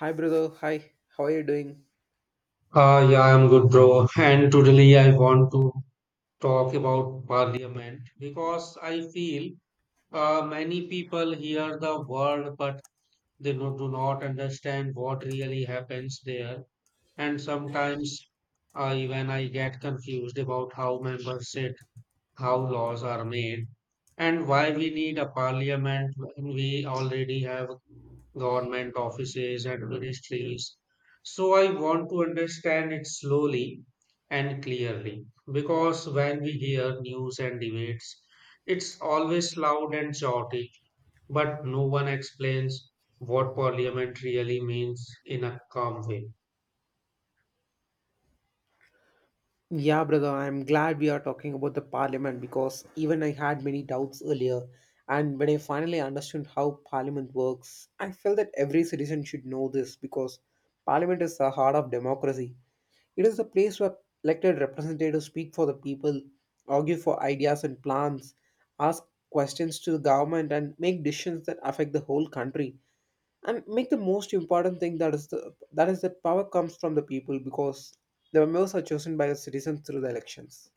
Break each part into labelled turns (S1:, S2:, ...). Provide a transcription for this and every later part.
S1: Hi, brother. Hi, how are you doing?
S2: Yeah, I'm good, bro. And today I want to talk about parliament because I feel many people hear the word but they do not understand what really happens there. And sometimes even I get confused about how members sit, how laws are made, and why we need a parliament when we already have government offices, ministries. So I want to understand it slowly and clearly because when we hear news and debates, it's always loud and chaotic, but no one explains what parliament really means in a calm way.
S1: Yeah, brother, I'm glad we are talking about the parliament because even I had many doubts earlier. And when I finally understood how parliament works, I felt that every citizen should know this because parliament is the heart of democracy. It is the place where elected representatives speak for the people, argue for ideas and plans, ask questions to the government, and make decisions that affect the whole country. And make the most important thing, that is that power comes from the people because the members are chosen by the citizens through the elections.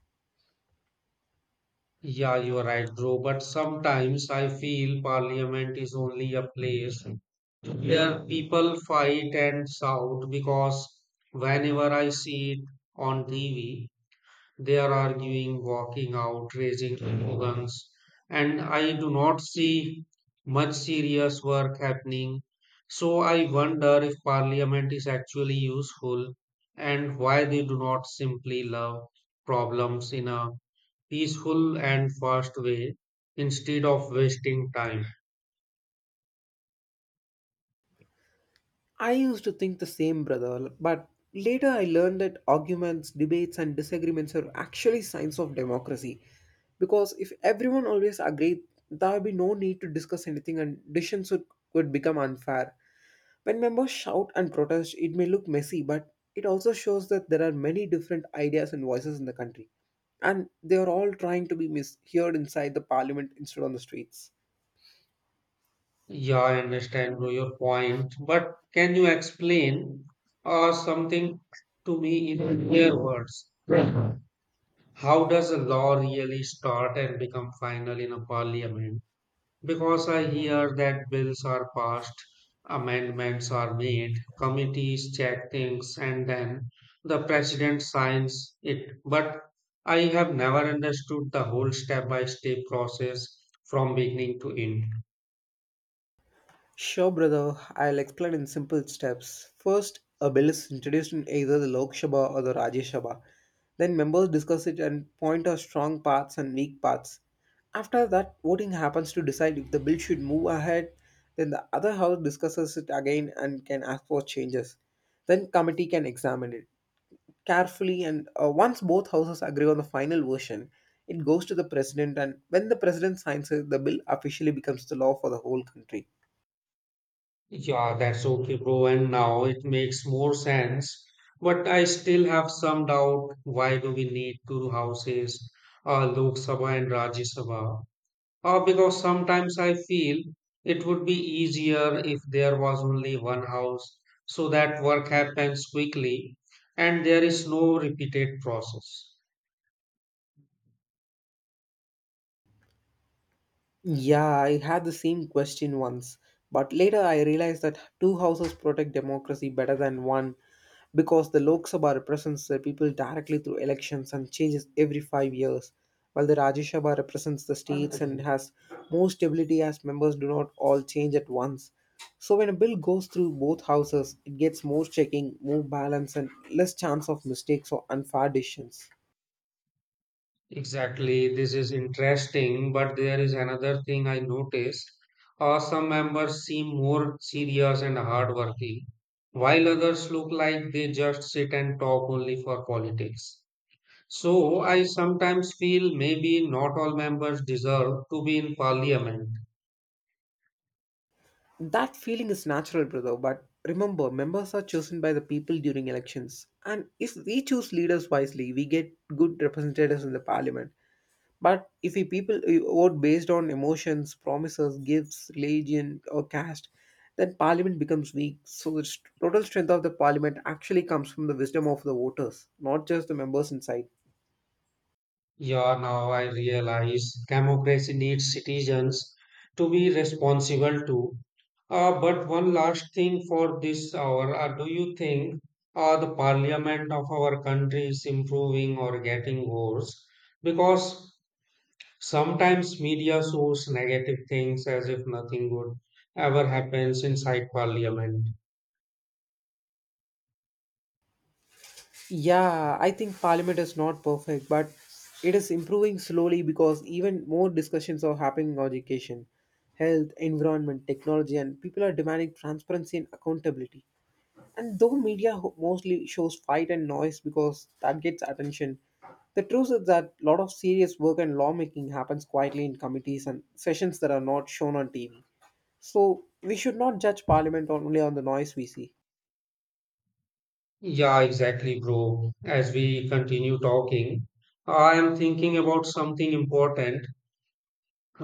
S2: Yeah, you are right, bro. But sometimes I feel parliament is only a place where people fight and shout because whenever I see it on TV, they are arguing, walking out, raising slogans, and I do not see much serious work happening. So I wonder if parliament is actually useful and why they do not simply love problems in a peaceful and fast way instead of wasting time.
S1: I used to think the same, brother, but later I learned that arguments, debates, and disagreements are actually signs of democracy. Because if everyone always agreed, there would be no need to discuss anything, and decisions would become unfair. When members shout and protest, it may look messy, but it also shows that there are many different ideas and voices in the country, and they are all trying to be misheard inside the parliament instead on the streets.
S2: Yeah, I understand your point, but can you explain something to me in clear words? How does a law really start and become final in a parliament? Because I hear that bills are passed, amendments are made, committees check things, and then the president signs it. But I have never understood the whole step by step process from beginning to end.
S1: Sure, brother. I'll explain in simple steps. First, a bill is introduced in either the Lok Sabha or the Rajya Sabha. Then members discuss it and point out strong parts and weak parts. After that, voting happens to decide if the bill should move ahead. Then the other house discusses it again and can ask for changes. Then committee can examine it carefully, and once both houses agree on the final version, it goes to the president, and when the president signs it, the bill officially becomes the law for the whole country.
S2: Yeah, that's okay, bro. And now it makes more sense. But I still have some doubt. Why do we need two houses, Lok Sabha and Rajya Sabha? Because sometimes I feel it would be easier if there was only one house so that work happens quickly and there is no repeated process.
S1: Yeah, I had the same question once, but later I realized that two houses protect democracy better than one because the Lok Sabha represents the people directly through elections and changes every 5 years, while the Rajya Sabha represents the states and has more stability as members do not all change at once. So when a bill goes through both houses, it gets more checking, more balance, and less chance of mistakes or unfair decisions.
S2: Exactly, this is interesting, but there is another thing I noticed. Some members seem more serious and hardworking, while others look like they just sit and talk only for politics. So I sometimes feel maybe not all members deserve to be in parliament.
S1: That feeling is natural, brother, but remember, members are chosen by the people during elections. And if we choose leaders wisely, we get good representatives in the parliament. But if we people vote based on emotions, promises, gifts, religion, or caste, then parliament becomes weak. So the total strength of the parliament actually comes from the wisdom of the voters, not just the members inside.
S2: Yeah, now I realize democracy needs citizens to be responsible too. But one last thing for this hour, do you think the parliament of our country is improving or getting worse? Because sometimes media shows negative things as if nothing good ever happens inside parliament.
S1: Yeah, I think Parliament is not perfect, but it is improving slowly because even more discussions are happening on education, health, environment, technology, and people are demanding transparency and accountability. And though media mostly shows fight and noise because that gets attention, the truth is that a lot of serious work and lawmaking happens quietly in committees and sessions that are not shown on TV. So we should not judge Parliament only on the noise we see.
S2: Yeah, exactly, bro. As we continue talking, I am thinking about something important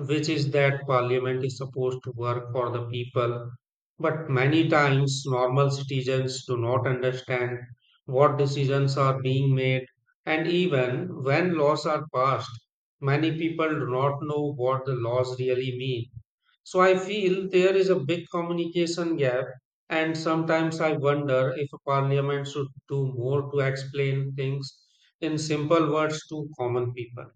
S2: which is that parliament is supposed to work for the people, but many times normal citizens do not understand what decisions are being made, and even when laws are passed, many people do not know what the laws really mean. So I feel there is a big communication gap, and sometimes I wonder if a parliament should do more to explain things in simple words to common people.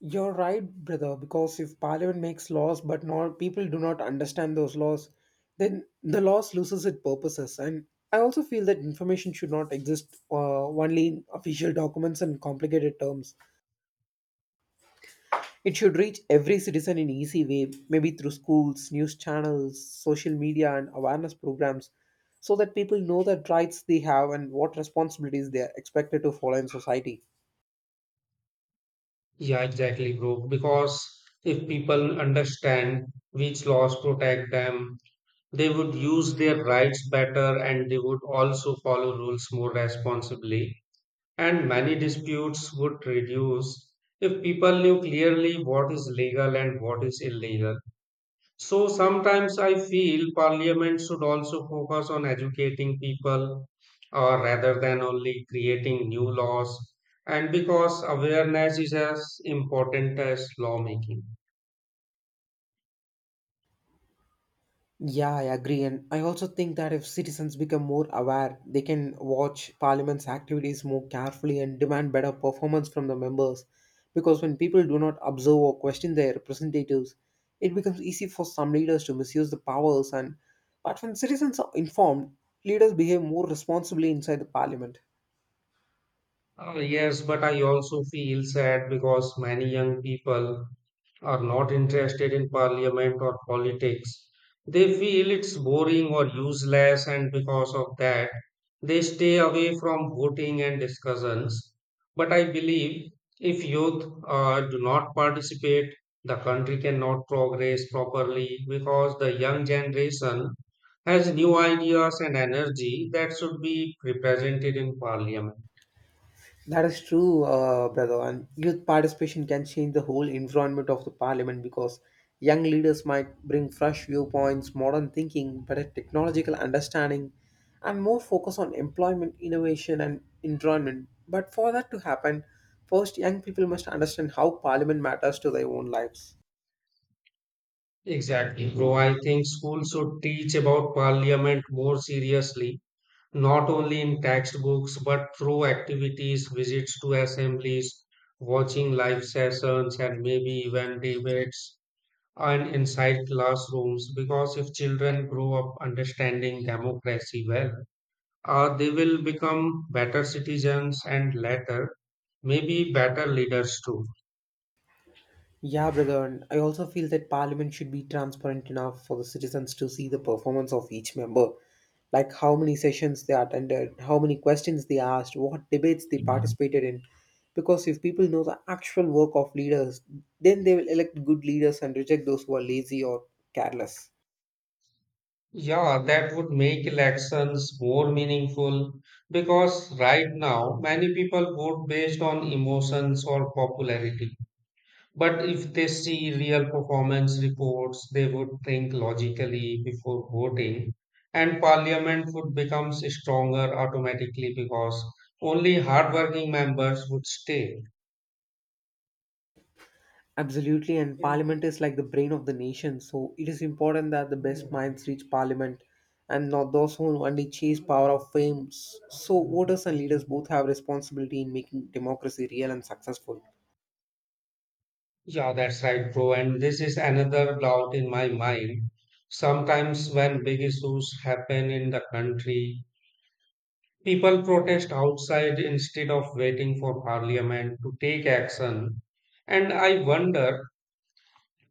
S1: You're right, brother, because if parliament makes laws but not people do not understand those laws, then the laws loses its purposes. And I also feel that information should not exist only in official documents and complicated terms. It should reach every citizen in easy way, maybe through schools, news channels, social media, and awareness programs, so that people know that rights they have and what responsibilities they are expected to follow in society.
S2: Yeah, exactly, bro. Because if people understand which laws protect them, they would use their rights better and they would also follow rules more responsibly. And many disputes would reduce if people knew clearly what is legal and what is illegal. So sometimes I feel parliament should also focus on educating people or rather than only creating new laws and because awareness is as important as lawmaking.
S1: Yeah, I agree. And I also think that if citizens become more aware, they can watch Parliament's activities more carefully and demand better performance from the members. Because when people do not observe or question their representatives, it becomes easy for some leaders to misuse the powers. And but when citizens are informed, leaders behave more responsibly inside the Parliament.
S2: Yes, but I also feel sad because many young people are not interested in parliament or politics. They feel it's boring or useless, and because of that, they stay away from voting and discussions. But I believe if youth do not participate, the country cannot progress properly because the young generation has new ideas and energy that should be represented in parliament.
S1: That is true, brother. And youth participation can change the whole environment of the parliament because young leaders might bring fresh viewpoints, modern thinking, better technological understanding, and more focus on employment, innovation, and environment. But for that to happen, first young people must understand how parliament matters to their own lives.
S2: Exactly, bro. I think schools should teach about parliament more seriously not only in textbooks but through activities, visits to assemblies, watching live sessions, and maybe even debates and inside classrooms. Because if children grow up understanding democracy well, they will become better citizens and later, maybe better leaders too.
S1: Yeah, brother, and I also feel that Parliament should be transparent enough for the citizens to see the performance of each member, like how many sessions they attended, how many questions they asked, what debates they participated in. Because if people know the actual work of leaders, then they will elect good leaders and reject those who are lazy or careless.
S2: Yeah, that would make elections more meaningful because right now many people vote based on emotions or popularity. But if they see real performance reports, they would think logically before voting, and parliament would become stronger automatically because only hardworking members would stay.
S1: Absolutely, and Parliament is like the brain of the nation, so it is important that the best minds reach Parliament and not those who only chase power of fame. So, voters and leaders both have responsibility in making democracy real and successful.
S2: Yeah, that's right, bro. And this is another doubt in my mind. Sometimes, when big issues happen in the country, people protest outside instead of waiting for parliament to take action. And I wonder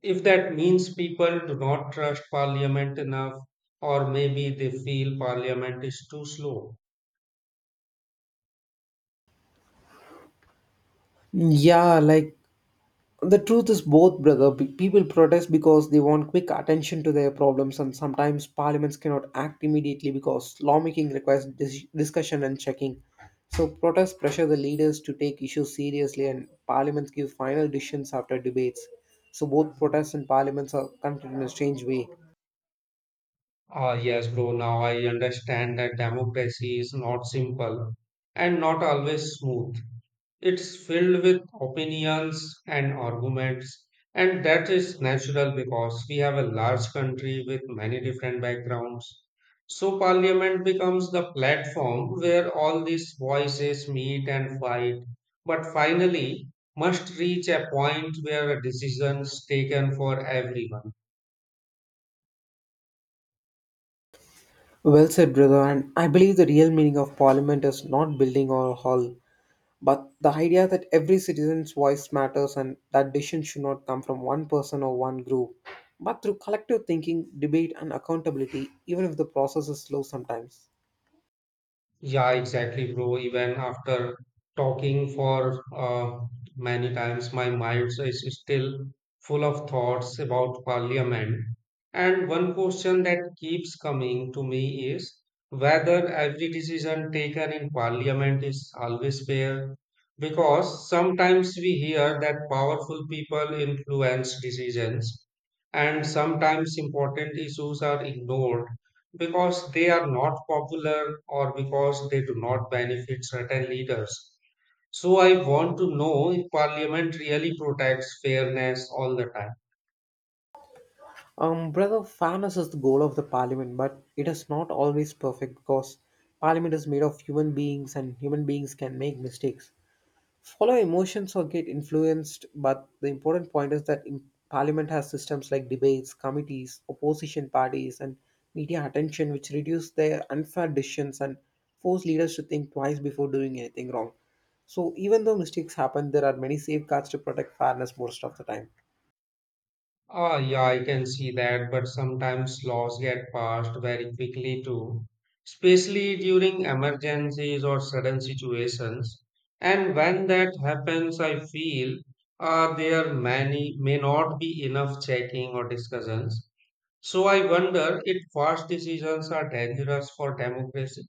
S2: if that means people do not trust parliament enough, or maybe they feel parliament is too slow.
S1: Yeah, like the truth is both, brother. People protest because they want quick attention to their problems, and sometimes parliaments cannot act immediately because lawmaking requires discussion and checking. So, protests pressure the leaders to take issues seriously, and parliaments give final decisions after debates. So, both protests and parliaments are connected in a strange way.
S2: Ah, yes, bro, now I understand that democracy is not simple and not always smooth. It's filled with opinions and arguments, and that is natural because we have a large country with many different backgrounds. So parliament becomes the platform where all these voices meet and fight, but finally must reach a point where a decision is taken for everyone.
S1: Well said, brother. And I believe the real meaning of parliament is not building or hall, but the idea that every citizen's voice matters and that decision should not come from one person or one group, but through collective thinking, debate, and accountability, even if the process is slow sometimes.
S2: Yeah, exactly, bro. Even after talking for many times, my mind is still full of thoughts about Parliament. And one question that keeps coming to me is whether every decision taken in Parliament is always fair. Because sometimes we hear that powerful people influence decisions, and sometimes important issues are ignored because they are not popular or because they do not benefit certain leaders. So I want to know if parliament really protects fairness all the time.
S1: Brother, fairness is the goal of the parliament, but it is not always perfect because parliament is made of human beings, and human beings can make mistakes, follow emotions, or get influenced. But the important point is that in parliament has systems like debates, committees, opposition parties, and media attention, which reduce their unfair decisions and force leaders to think twice before doing anything wrong. So even though mistakes happen, there are many safeguards to protect fairness most of the time.
S2: Ah, yeah, I can see that, but sometimes laws get passed very quickly too, especially during emergencies or sudden situations. And when that happens, I feel there many may not be enough checking or discussions. So I wonder if fast decisions are dangerous for democracy.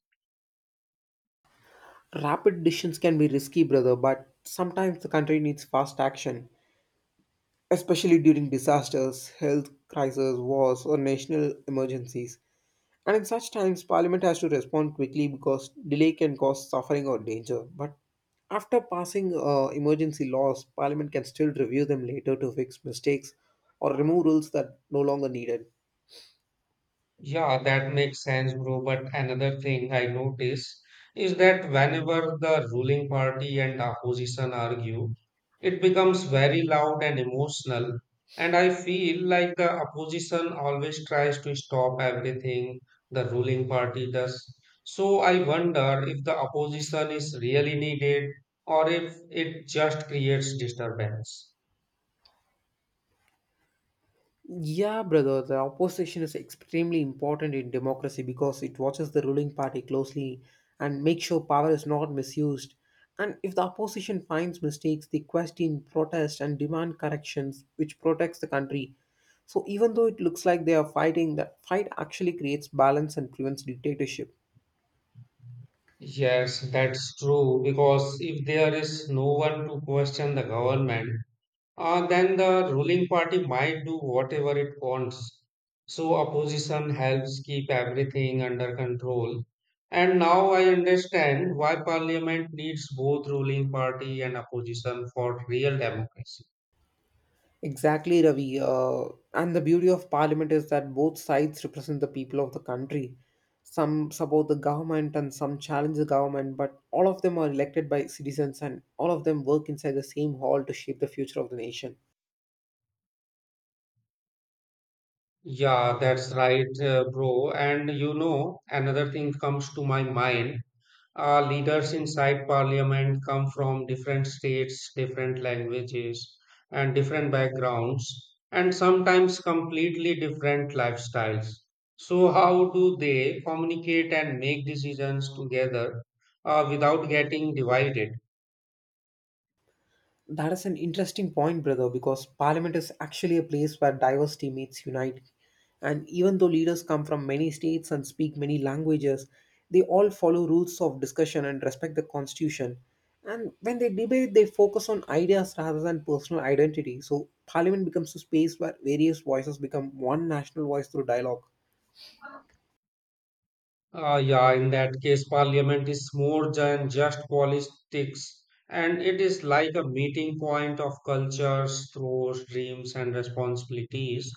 S1: Rapid decisions can be risky, brother, but sometimes the country needs fast action, especially during disasters, health crises, wars, or national emergencies. And in such times, Parliament has to respond quickly because delay can cause suffering or danger. But after passing emergency laws, Parliament can still review them later to fix mistakes or remove rules that no longer needed.
S2: Yeah, that makes sense, bro. But another thing I notice is that whenever the ruling party and opposition argue, it becomes very loud and emotional. And I feel like the opposition always tries to stop everything the ruling party does. So I wonder if the opposition is really needed or if it just creates disturbance.
S1: Yeah, brother, the opposition is extremely important in democracy because it watches the ruling party closely and makes sure power is not misused. And if the opposition finds mistakes, they question, protest, and demand corrections, which protects the country. So even though it looks like they are fighting, that fight actually creates balance and prevents dictatorship.
S2: Yes, that's true. Because if there is no one to question the government, then the ruling party might do whatever it wants. So opposition helps keep everything under control. And now I understand why parliament needs both ruling party and opposition for real democracy.
S1: Exactly, Ravi. And the beauty of parliament is that both sides represent the people of the country. Some support the government and some challenge the government, but all of them are elected by citizens and all of them work inside the same hall to shape the future of the nation.
S2: Yeah, that's right, bro. And you know, another thing comes to my mind. Our leaders inside parliament come from different states, different languages, and different backgrounds, and sometimes completely different lifestyles. So, how do they communicate and make decisions together without getting divided?
S1: That is an interesting point, brother, because parliament is actually a place where diverse teammates unite. And even though leaders come from many states and speak many languages, they all follow rules of discussion and respect the constitution. And when they debate, they focus on ideas rather than personal identity. So, parliament becomes a space where various voices become one national voice through dialogue.
S2: Yeah, in that case, parliament is more than just politics, and it is like a meeting point of cultures, throws, dreams, and responsibilities.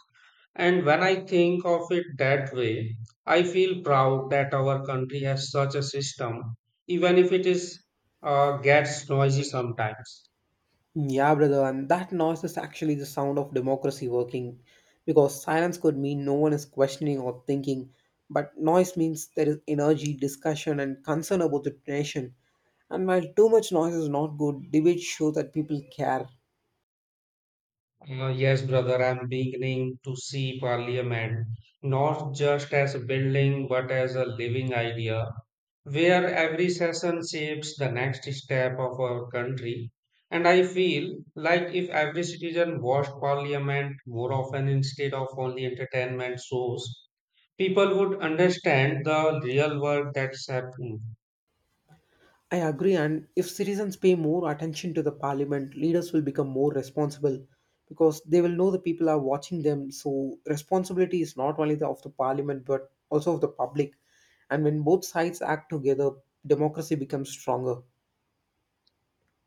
S2: And when I think of it that way, I feel proud that our country has such a system, even if it is gets noisy sometimes.
S1: Yeah, brother, and that noise is actually the sound of democracy working because silence could mean no one is questioning or thinking, but noise means there is energy, discussion, and concern about the nation. And while too much noise is not good, debates show that people care.
S2: Yes, brother, I'm beginning to see parliament not just as a building but as a living idea where every session shapes the next step of our country. And I feel like if every citizen watched parliament more often instead of only entertainment shows, people would understand the real work that's happening.
S1: I agree, and if citizens pay more attention to the parliament, leaders will become more responsible because they will know the people are watching them. So, responsibility is not only the, of the parliament but also of the public. And when both sides act together, democracy becomes stronger.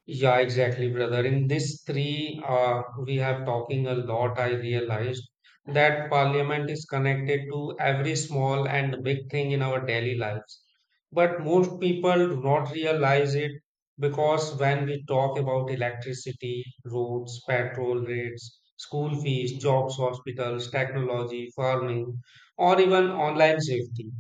S2: Yeah, exactly, brother. In this three, we have talking a lot. I realized that parliament is connected to every small and big thing in our daily lives. But most people do not realize it because when we talk about electricity, roads, petrol rates, school fees, jobs, hospitals, technology, farming, or even online safety.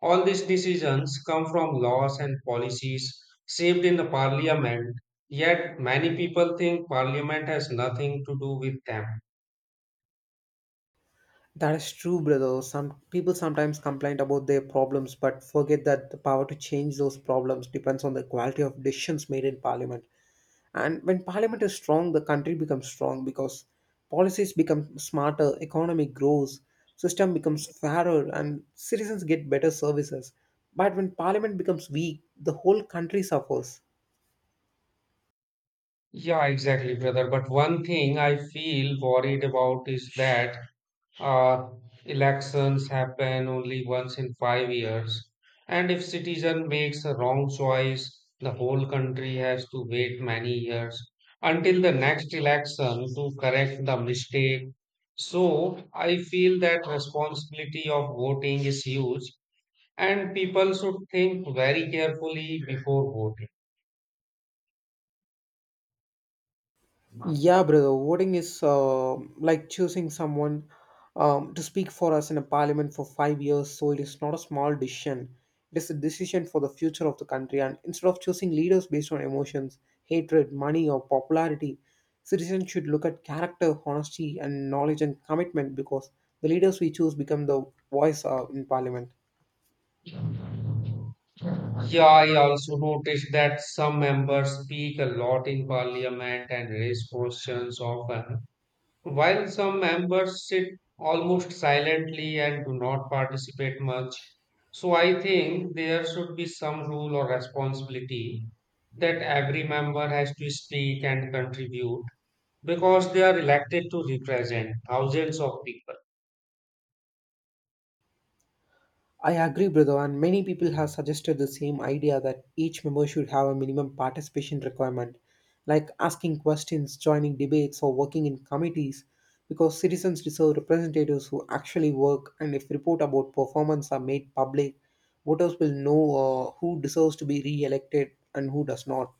S2: All these decisions come from laws and policies shaped in the parliament, yet many people think parliament has nothing to do with them.
S1: That is true, brother. Some people sometimes complain about their problems but forget that the power to change those problems depends on the quality of decisions made in parliament. And when parliament is strong, the country becomes strong because policies become smarter, economy grows, system becomes fairer, and citizens get better services. But when parliament becomes weak, the whole country suffers.
S2: Yeah, exactly, brother. But one thing I feel worried about is that Uh, elections happen only once in 5 years, and if citizen makes a wrong choice, the whole country has to wait many years until the next election to correct the mistake. So I feel that responsibility of voting is huge, and people should think very carefully before voting.
S1: Yeah, brother, voting is like choosing someone to speak for us in a parliament for 5 years, so it is not a small decision. It is a decision for the future of the country, and instead of choosing leaders based on emotions, hatred, money, or popularity, citizens should look at character, honesty, and knowledge and commitment because the leaders we choose become the voice in parliament.
S2: Yeah, I also noticed that some members speak a lot in parliament and raise questions often while some members sit almost silently and do not participate much, so I think there should be some rule or responsibility that every member has to speak and contribute because they are elected to represent thousands of people.
S1: I agree, brother, and many people have suggested the same idea that each member should have a minimum participation requirement, like asking questions, joining debates, or working in committees, because citizens deserve representatives who actually work, and if report about performance are made public, voters will know who deserves to be re elected and who does not.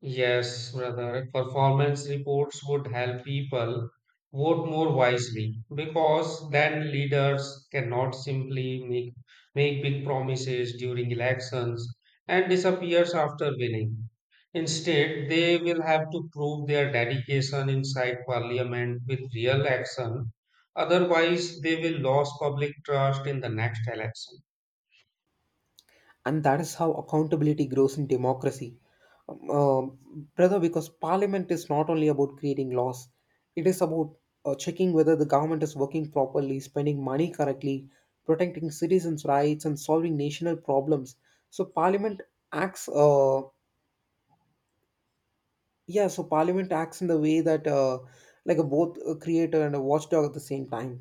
S2: Yes, brother, performance reports would help people vote more wisely because then leaders cannot simply make big promises during elections and disappears after winning. Instead, they will have to prove their dedication inside parliament with real action. Otherwise, they will lose public trust in the next election.
S1: And that is how accountability grows in democracy, Um, uh, brother, because parliament is not only about creating laws. It is about checking whether the government is working properly, spending money correctly, protecting citizens rights, and solving national problems. So parliament acts uh, acts in the way that, like a both a creator and a watchdog at the same time.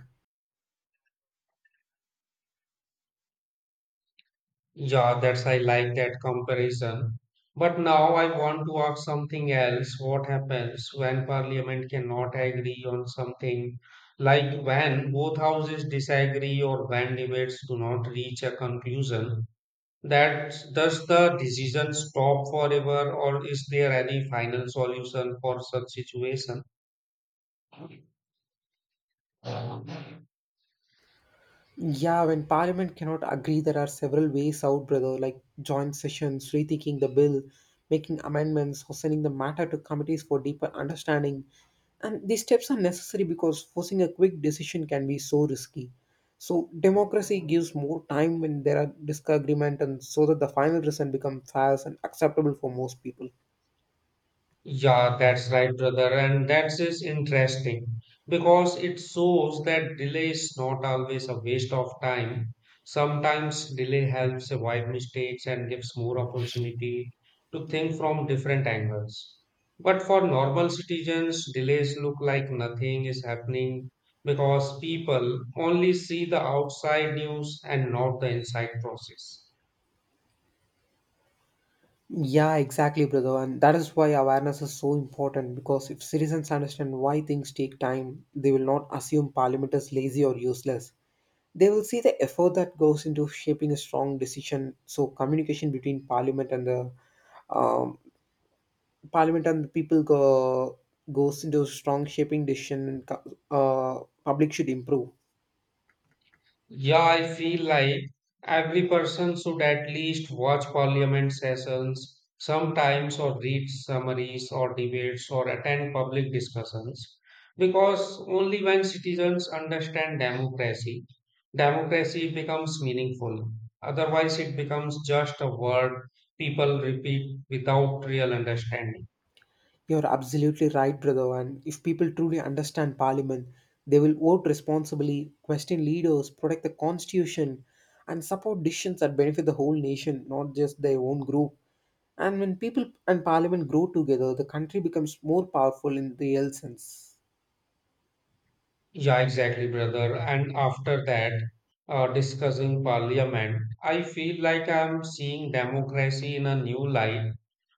S2: Yeah, that's, I like that comparison. But now I want to ask something else. What happens when parliament cannot agree on something, like when both houses disagree or when debates do not reach a conclusion? That does the decision stop forever, or is there any final solution for such situation?
S1: Yeah, when Parliament cannot agree, there are several ways out, brother, like joint sessions, rethinking the bill, making amendments, or sending the matter to committees for deeper understanding. And these steps are necessary because forcing a quick decision can be so risky. So, democracy gives more time when there are disagreement, and so that the final result becomes fair and acceptable for most people.
S2: Yeah, that's right, brother. And that is interesting because it shows that delay is not always a waste of time. Sometimes delay helps avoid mistakes and gives more opportunity to think from different angles. But for normal citizens, delays look like nothing is happening because people only see the outside news and not the inside process.
S1: Yeah, exactly, brother. And that is why awareness is so important, because if citizens understand why things take time, they will not assume parliament is lazy or useless. They will see the effort that goes into shaping a strong decision. So communication between um, parliament and the people goes into strong shaping decision. Public should improve.
S2: Yeah, I feel like every person should at least watch parliament sessions sometimes, or read summaries or debates, or attend public discussions. Because only when citizens understand democracy, democracy becomes meaningful. Otherwise, it becomes just a word people repeat without real understanding.
S1: You're absolutely right, brother. And if people truly understand Parliament, they will vote responsibly, question leaders, protect the constitution, and support decisions that benefit the whole nation, not just their own group. And when people and Parliament grow together, the country becomes more powerful in the real sense.
S2: Yeah, exactly, brother. And after that, discussing parliament, I feel like I'm seeing democracy in a new light.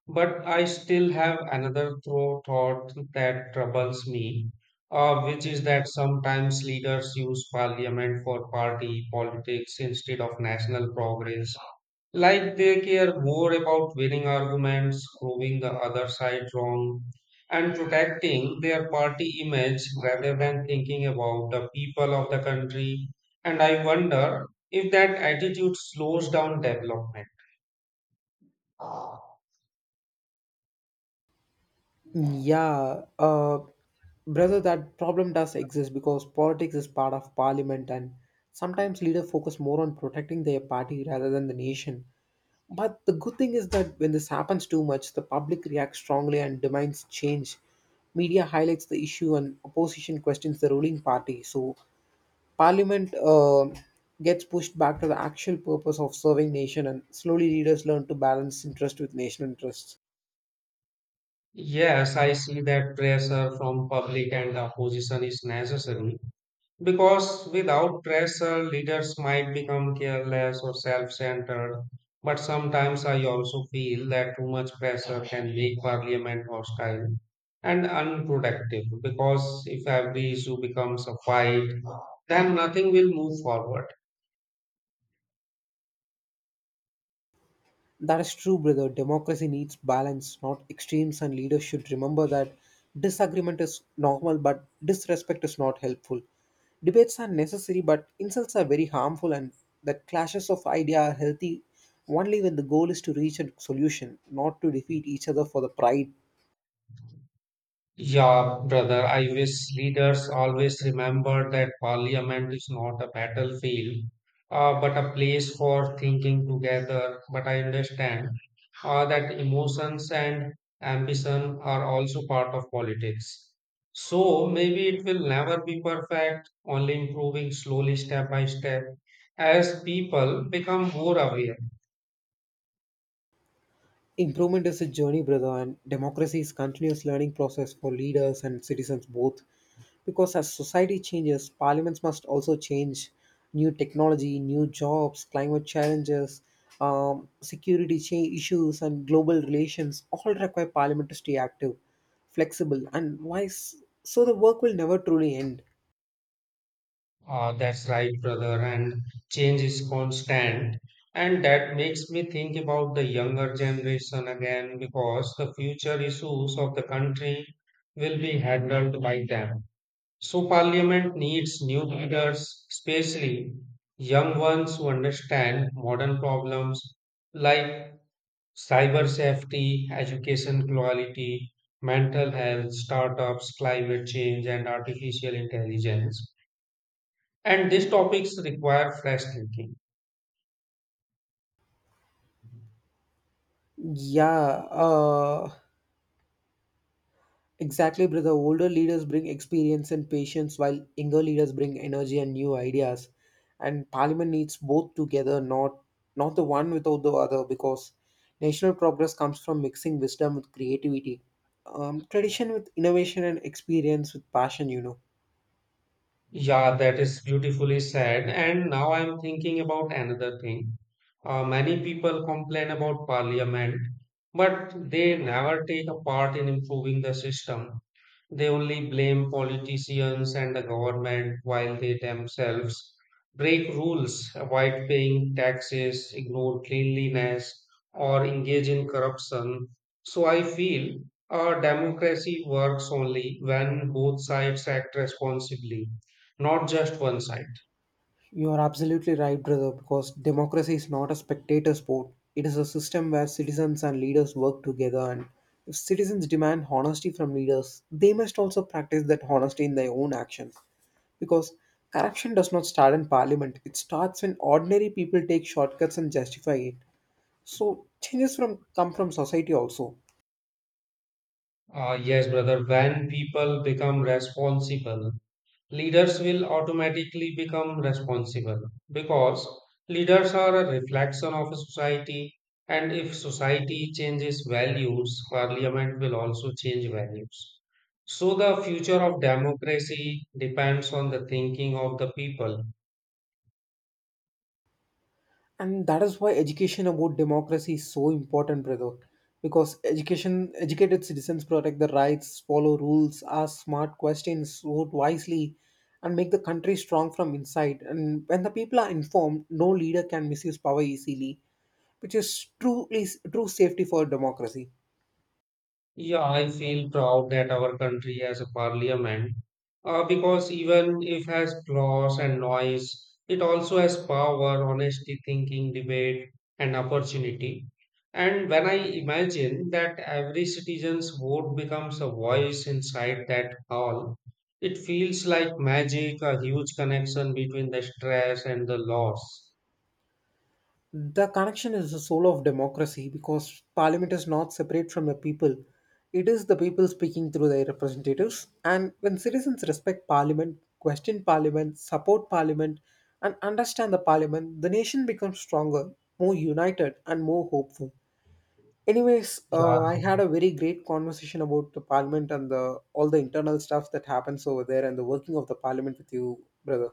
S2: But I still have another throw thought that troubles me, which is that sometimes leaders use parliament for party politics instead of national progress like they care more about winning arguments, proving the other side wrong, and protecting their party image rather than thinking about the people of the country. And I wonder if that attitude slows down development.
S1: Yeah, uh, Brother, that problem does exist because politics is part of parliament, and sometimes leaders focus more on protecting their party rather than the nation. But the good thing is that when this happens too much, the public reacts strongly and demands change. Media highlights the issue and opposition questions the ruling party. So parliament gets pushed back to the actual purpose of serving nation, and slowly leaders learn to balance interest with national interests.
S2: Yes, I see that pressure from public and opposition is necessary, because without pressure, leaders might become careless or self centered. But sometimes I also feel that too much pressure can make parliament hostile and unproductive. Because if every issue becomes a fight, then nothing will move forward.
S1: That is true, brother. Democracy needs balance, not extremes, and leaders should remember that disagreement is normal, but disrespect is not helpful. Debates are necessary, but insults are very harmful, and that clashes of idea are healthy only when the goal is to reach a solution, not to defeat each other for the pride.
S2: Yeah, brother, I wish leaders always remember that parliament is not a battlefield, but a place for thinking together. But I understand that emotions and ambition are also part of politics. So maybe it will never be perfect, only improving slowly step by step as people become more aware.
S1: Improvement is a journey, brother, and democracy is continuous learning process for leaders and citizens both. Because as society changes, parliaments must also change. New technology, new jobs, climate challenges, security issues, and global relations all require parliament to stay active, flexible, and wise. So the work will never truly end.
S2: Ah, that's right, brother. And change is constant. And that makes me think about the younger generation again because the future issues of the country will be handled by them. So, parliament needs new leaders, especially young ones who understand modern problems like cyber safety, education quality, mental health, startups, climate change, and artificial intelligence. And these topics require fresh thinking.
S1: Yeah. Uh, Exactly, brother. Older leaders bring experience and patience, while younger leaders bring energy and new ideas. And Parliament needs both together, not the one without the other, because national progress comes from mixing wisdom with creativity, tradition with innovation, and experience with passion, you know.
S2: Yeah, that is beautifully said. And now I'm thinking about another thing. Many people complain about parliament, but they never take a part in improving the system. They only blame politicians and the government while they themselves break rules, avoid paying taxes, ignore cleanliness, or engage in corruption. So I feel a democracy works only when both sides act responsibly, not just one side.
S1: You are absolutely right, brother, because democracy is not a spectator sport. It is a system where citizens and leaders work together, and if citizens demand honesty from leaders, they must also practice that honesty in their own actions. Because corruption does not start in parliament, it starts when ordinary people take shortcuts and justify it. So, changes from come from society also.
S2: Yes, brother, when people become responsible, leaders will automatically become responsible because leaders are a reflection of a society and if society changes values parliament will also change values so the future of democracy depends on the thinking of the people.
S1: And that is why education about democracy is so important, brother, because education educated citizens protect the rights, follow rules, ask smart questions, vote wisely, and make the country strong from inside. And when the people are informed, no leader can misuse power easily, which is truly true safety for democracy.
S2: Yeah, I feel proud that our country has a parliament because even if has flaws and noise, it also has power, honesty, thinking, debate, and opportunity. And when I imagine that every citizen's vote becomes a voice inside that hall, it feels like magic, a huge connection between the stress and the loss.
S1: The connection is the soul of democracy because parliament is not separate from the people. It is the people speaking through their representatives. And when citizens respect parliament, question parliament, support parliament, and understand the parliament, the nation becomes stronger, more united, and more hopeful. Anyways,
S2: Yeah,
S1: I had a very great conversation about the parliament and the all the internal stuff that happens over there and the working of the parliament with you, brother.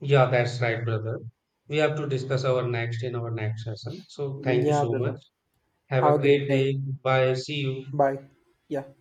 S2: yeah, that's right, brother. We have to discuss our next in our next session. So thank you
S1: Yeah,
S2: so much.
S1: brother.
S2: Have a
S1: Have a
S2: great
S1: great day.
S2: day. Bye. See you.
S1: Bye. Yeah.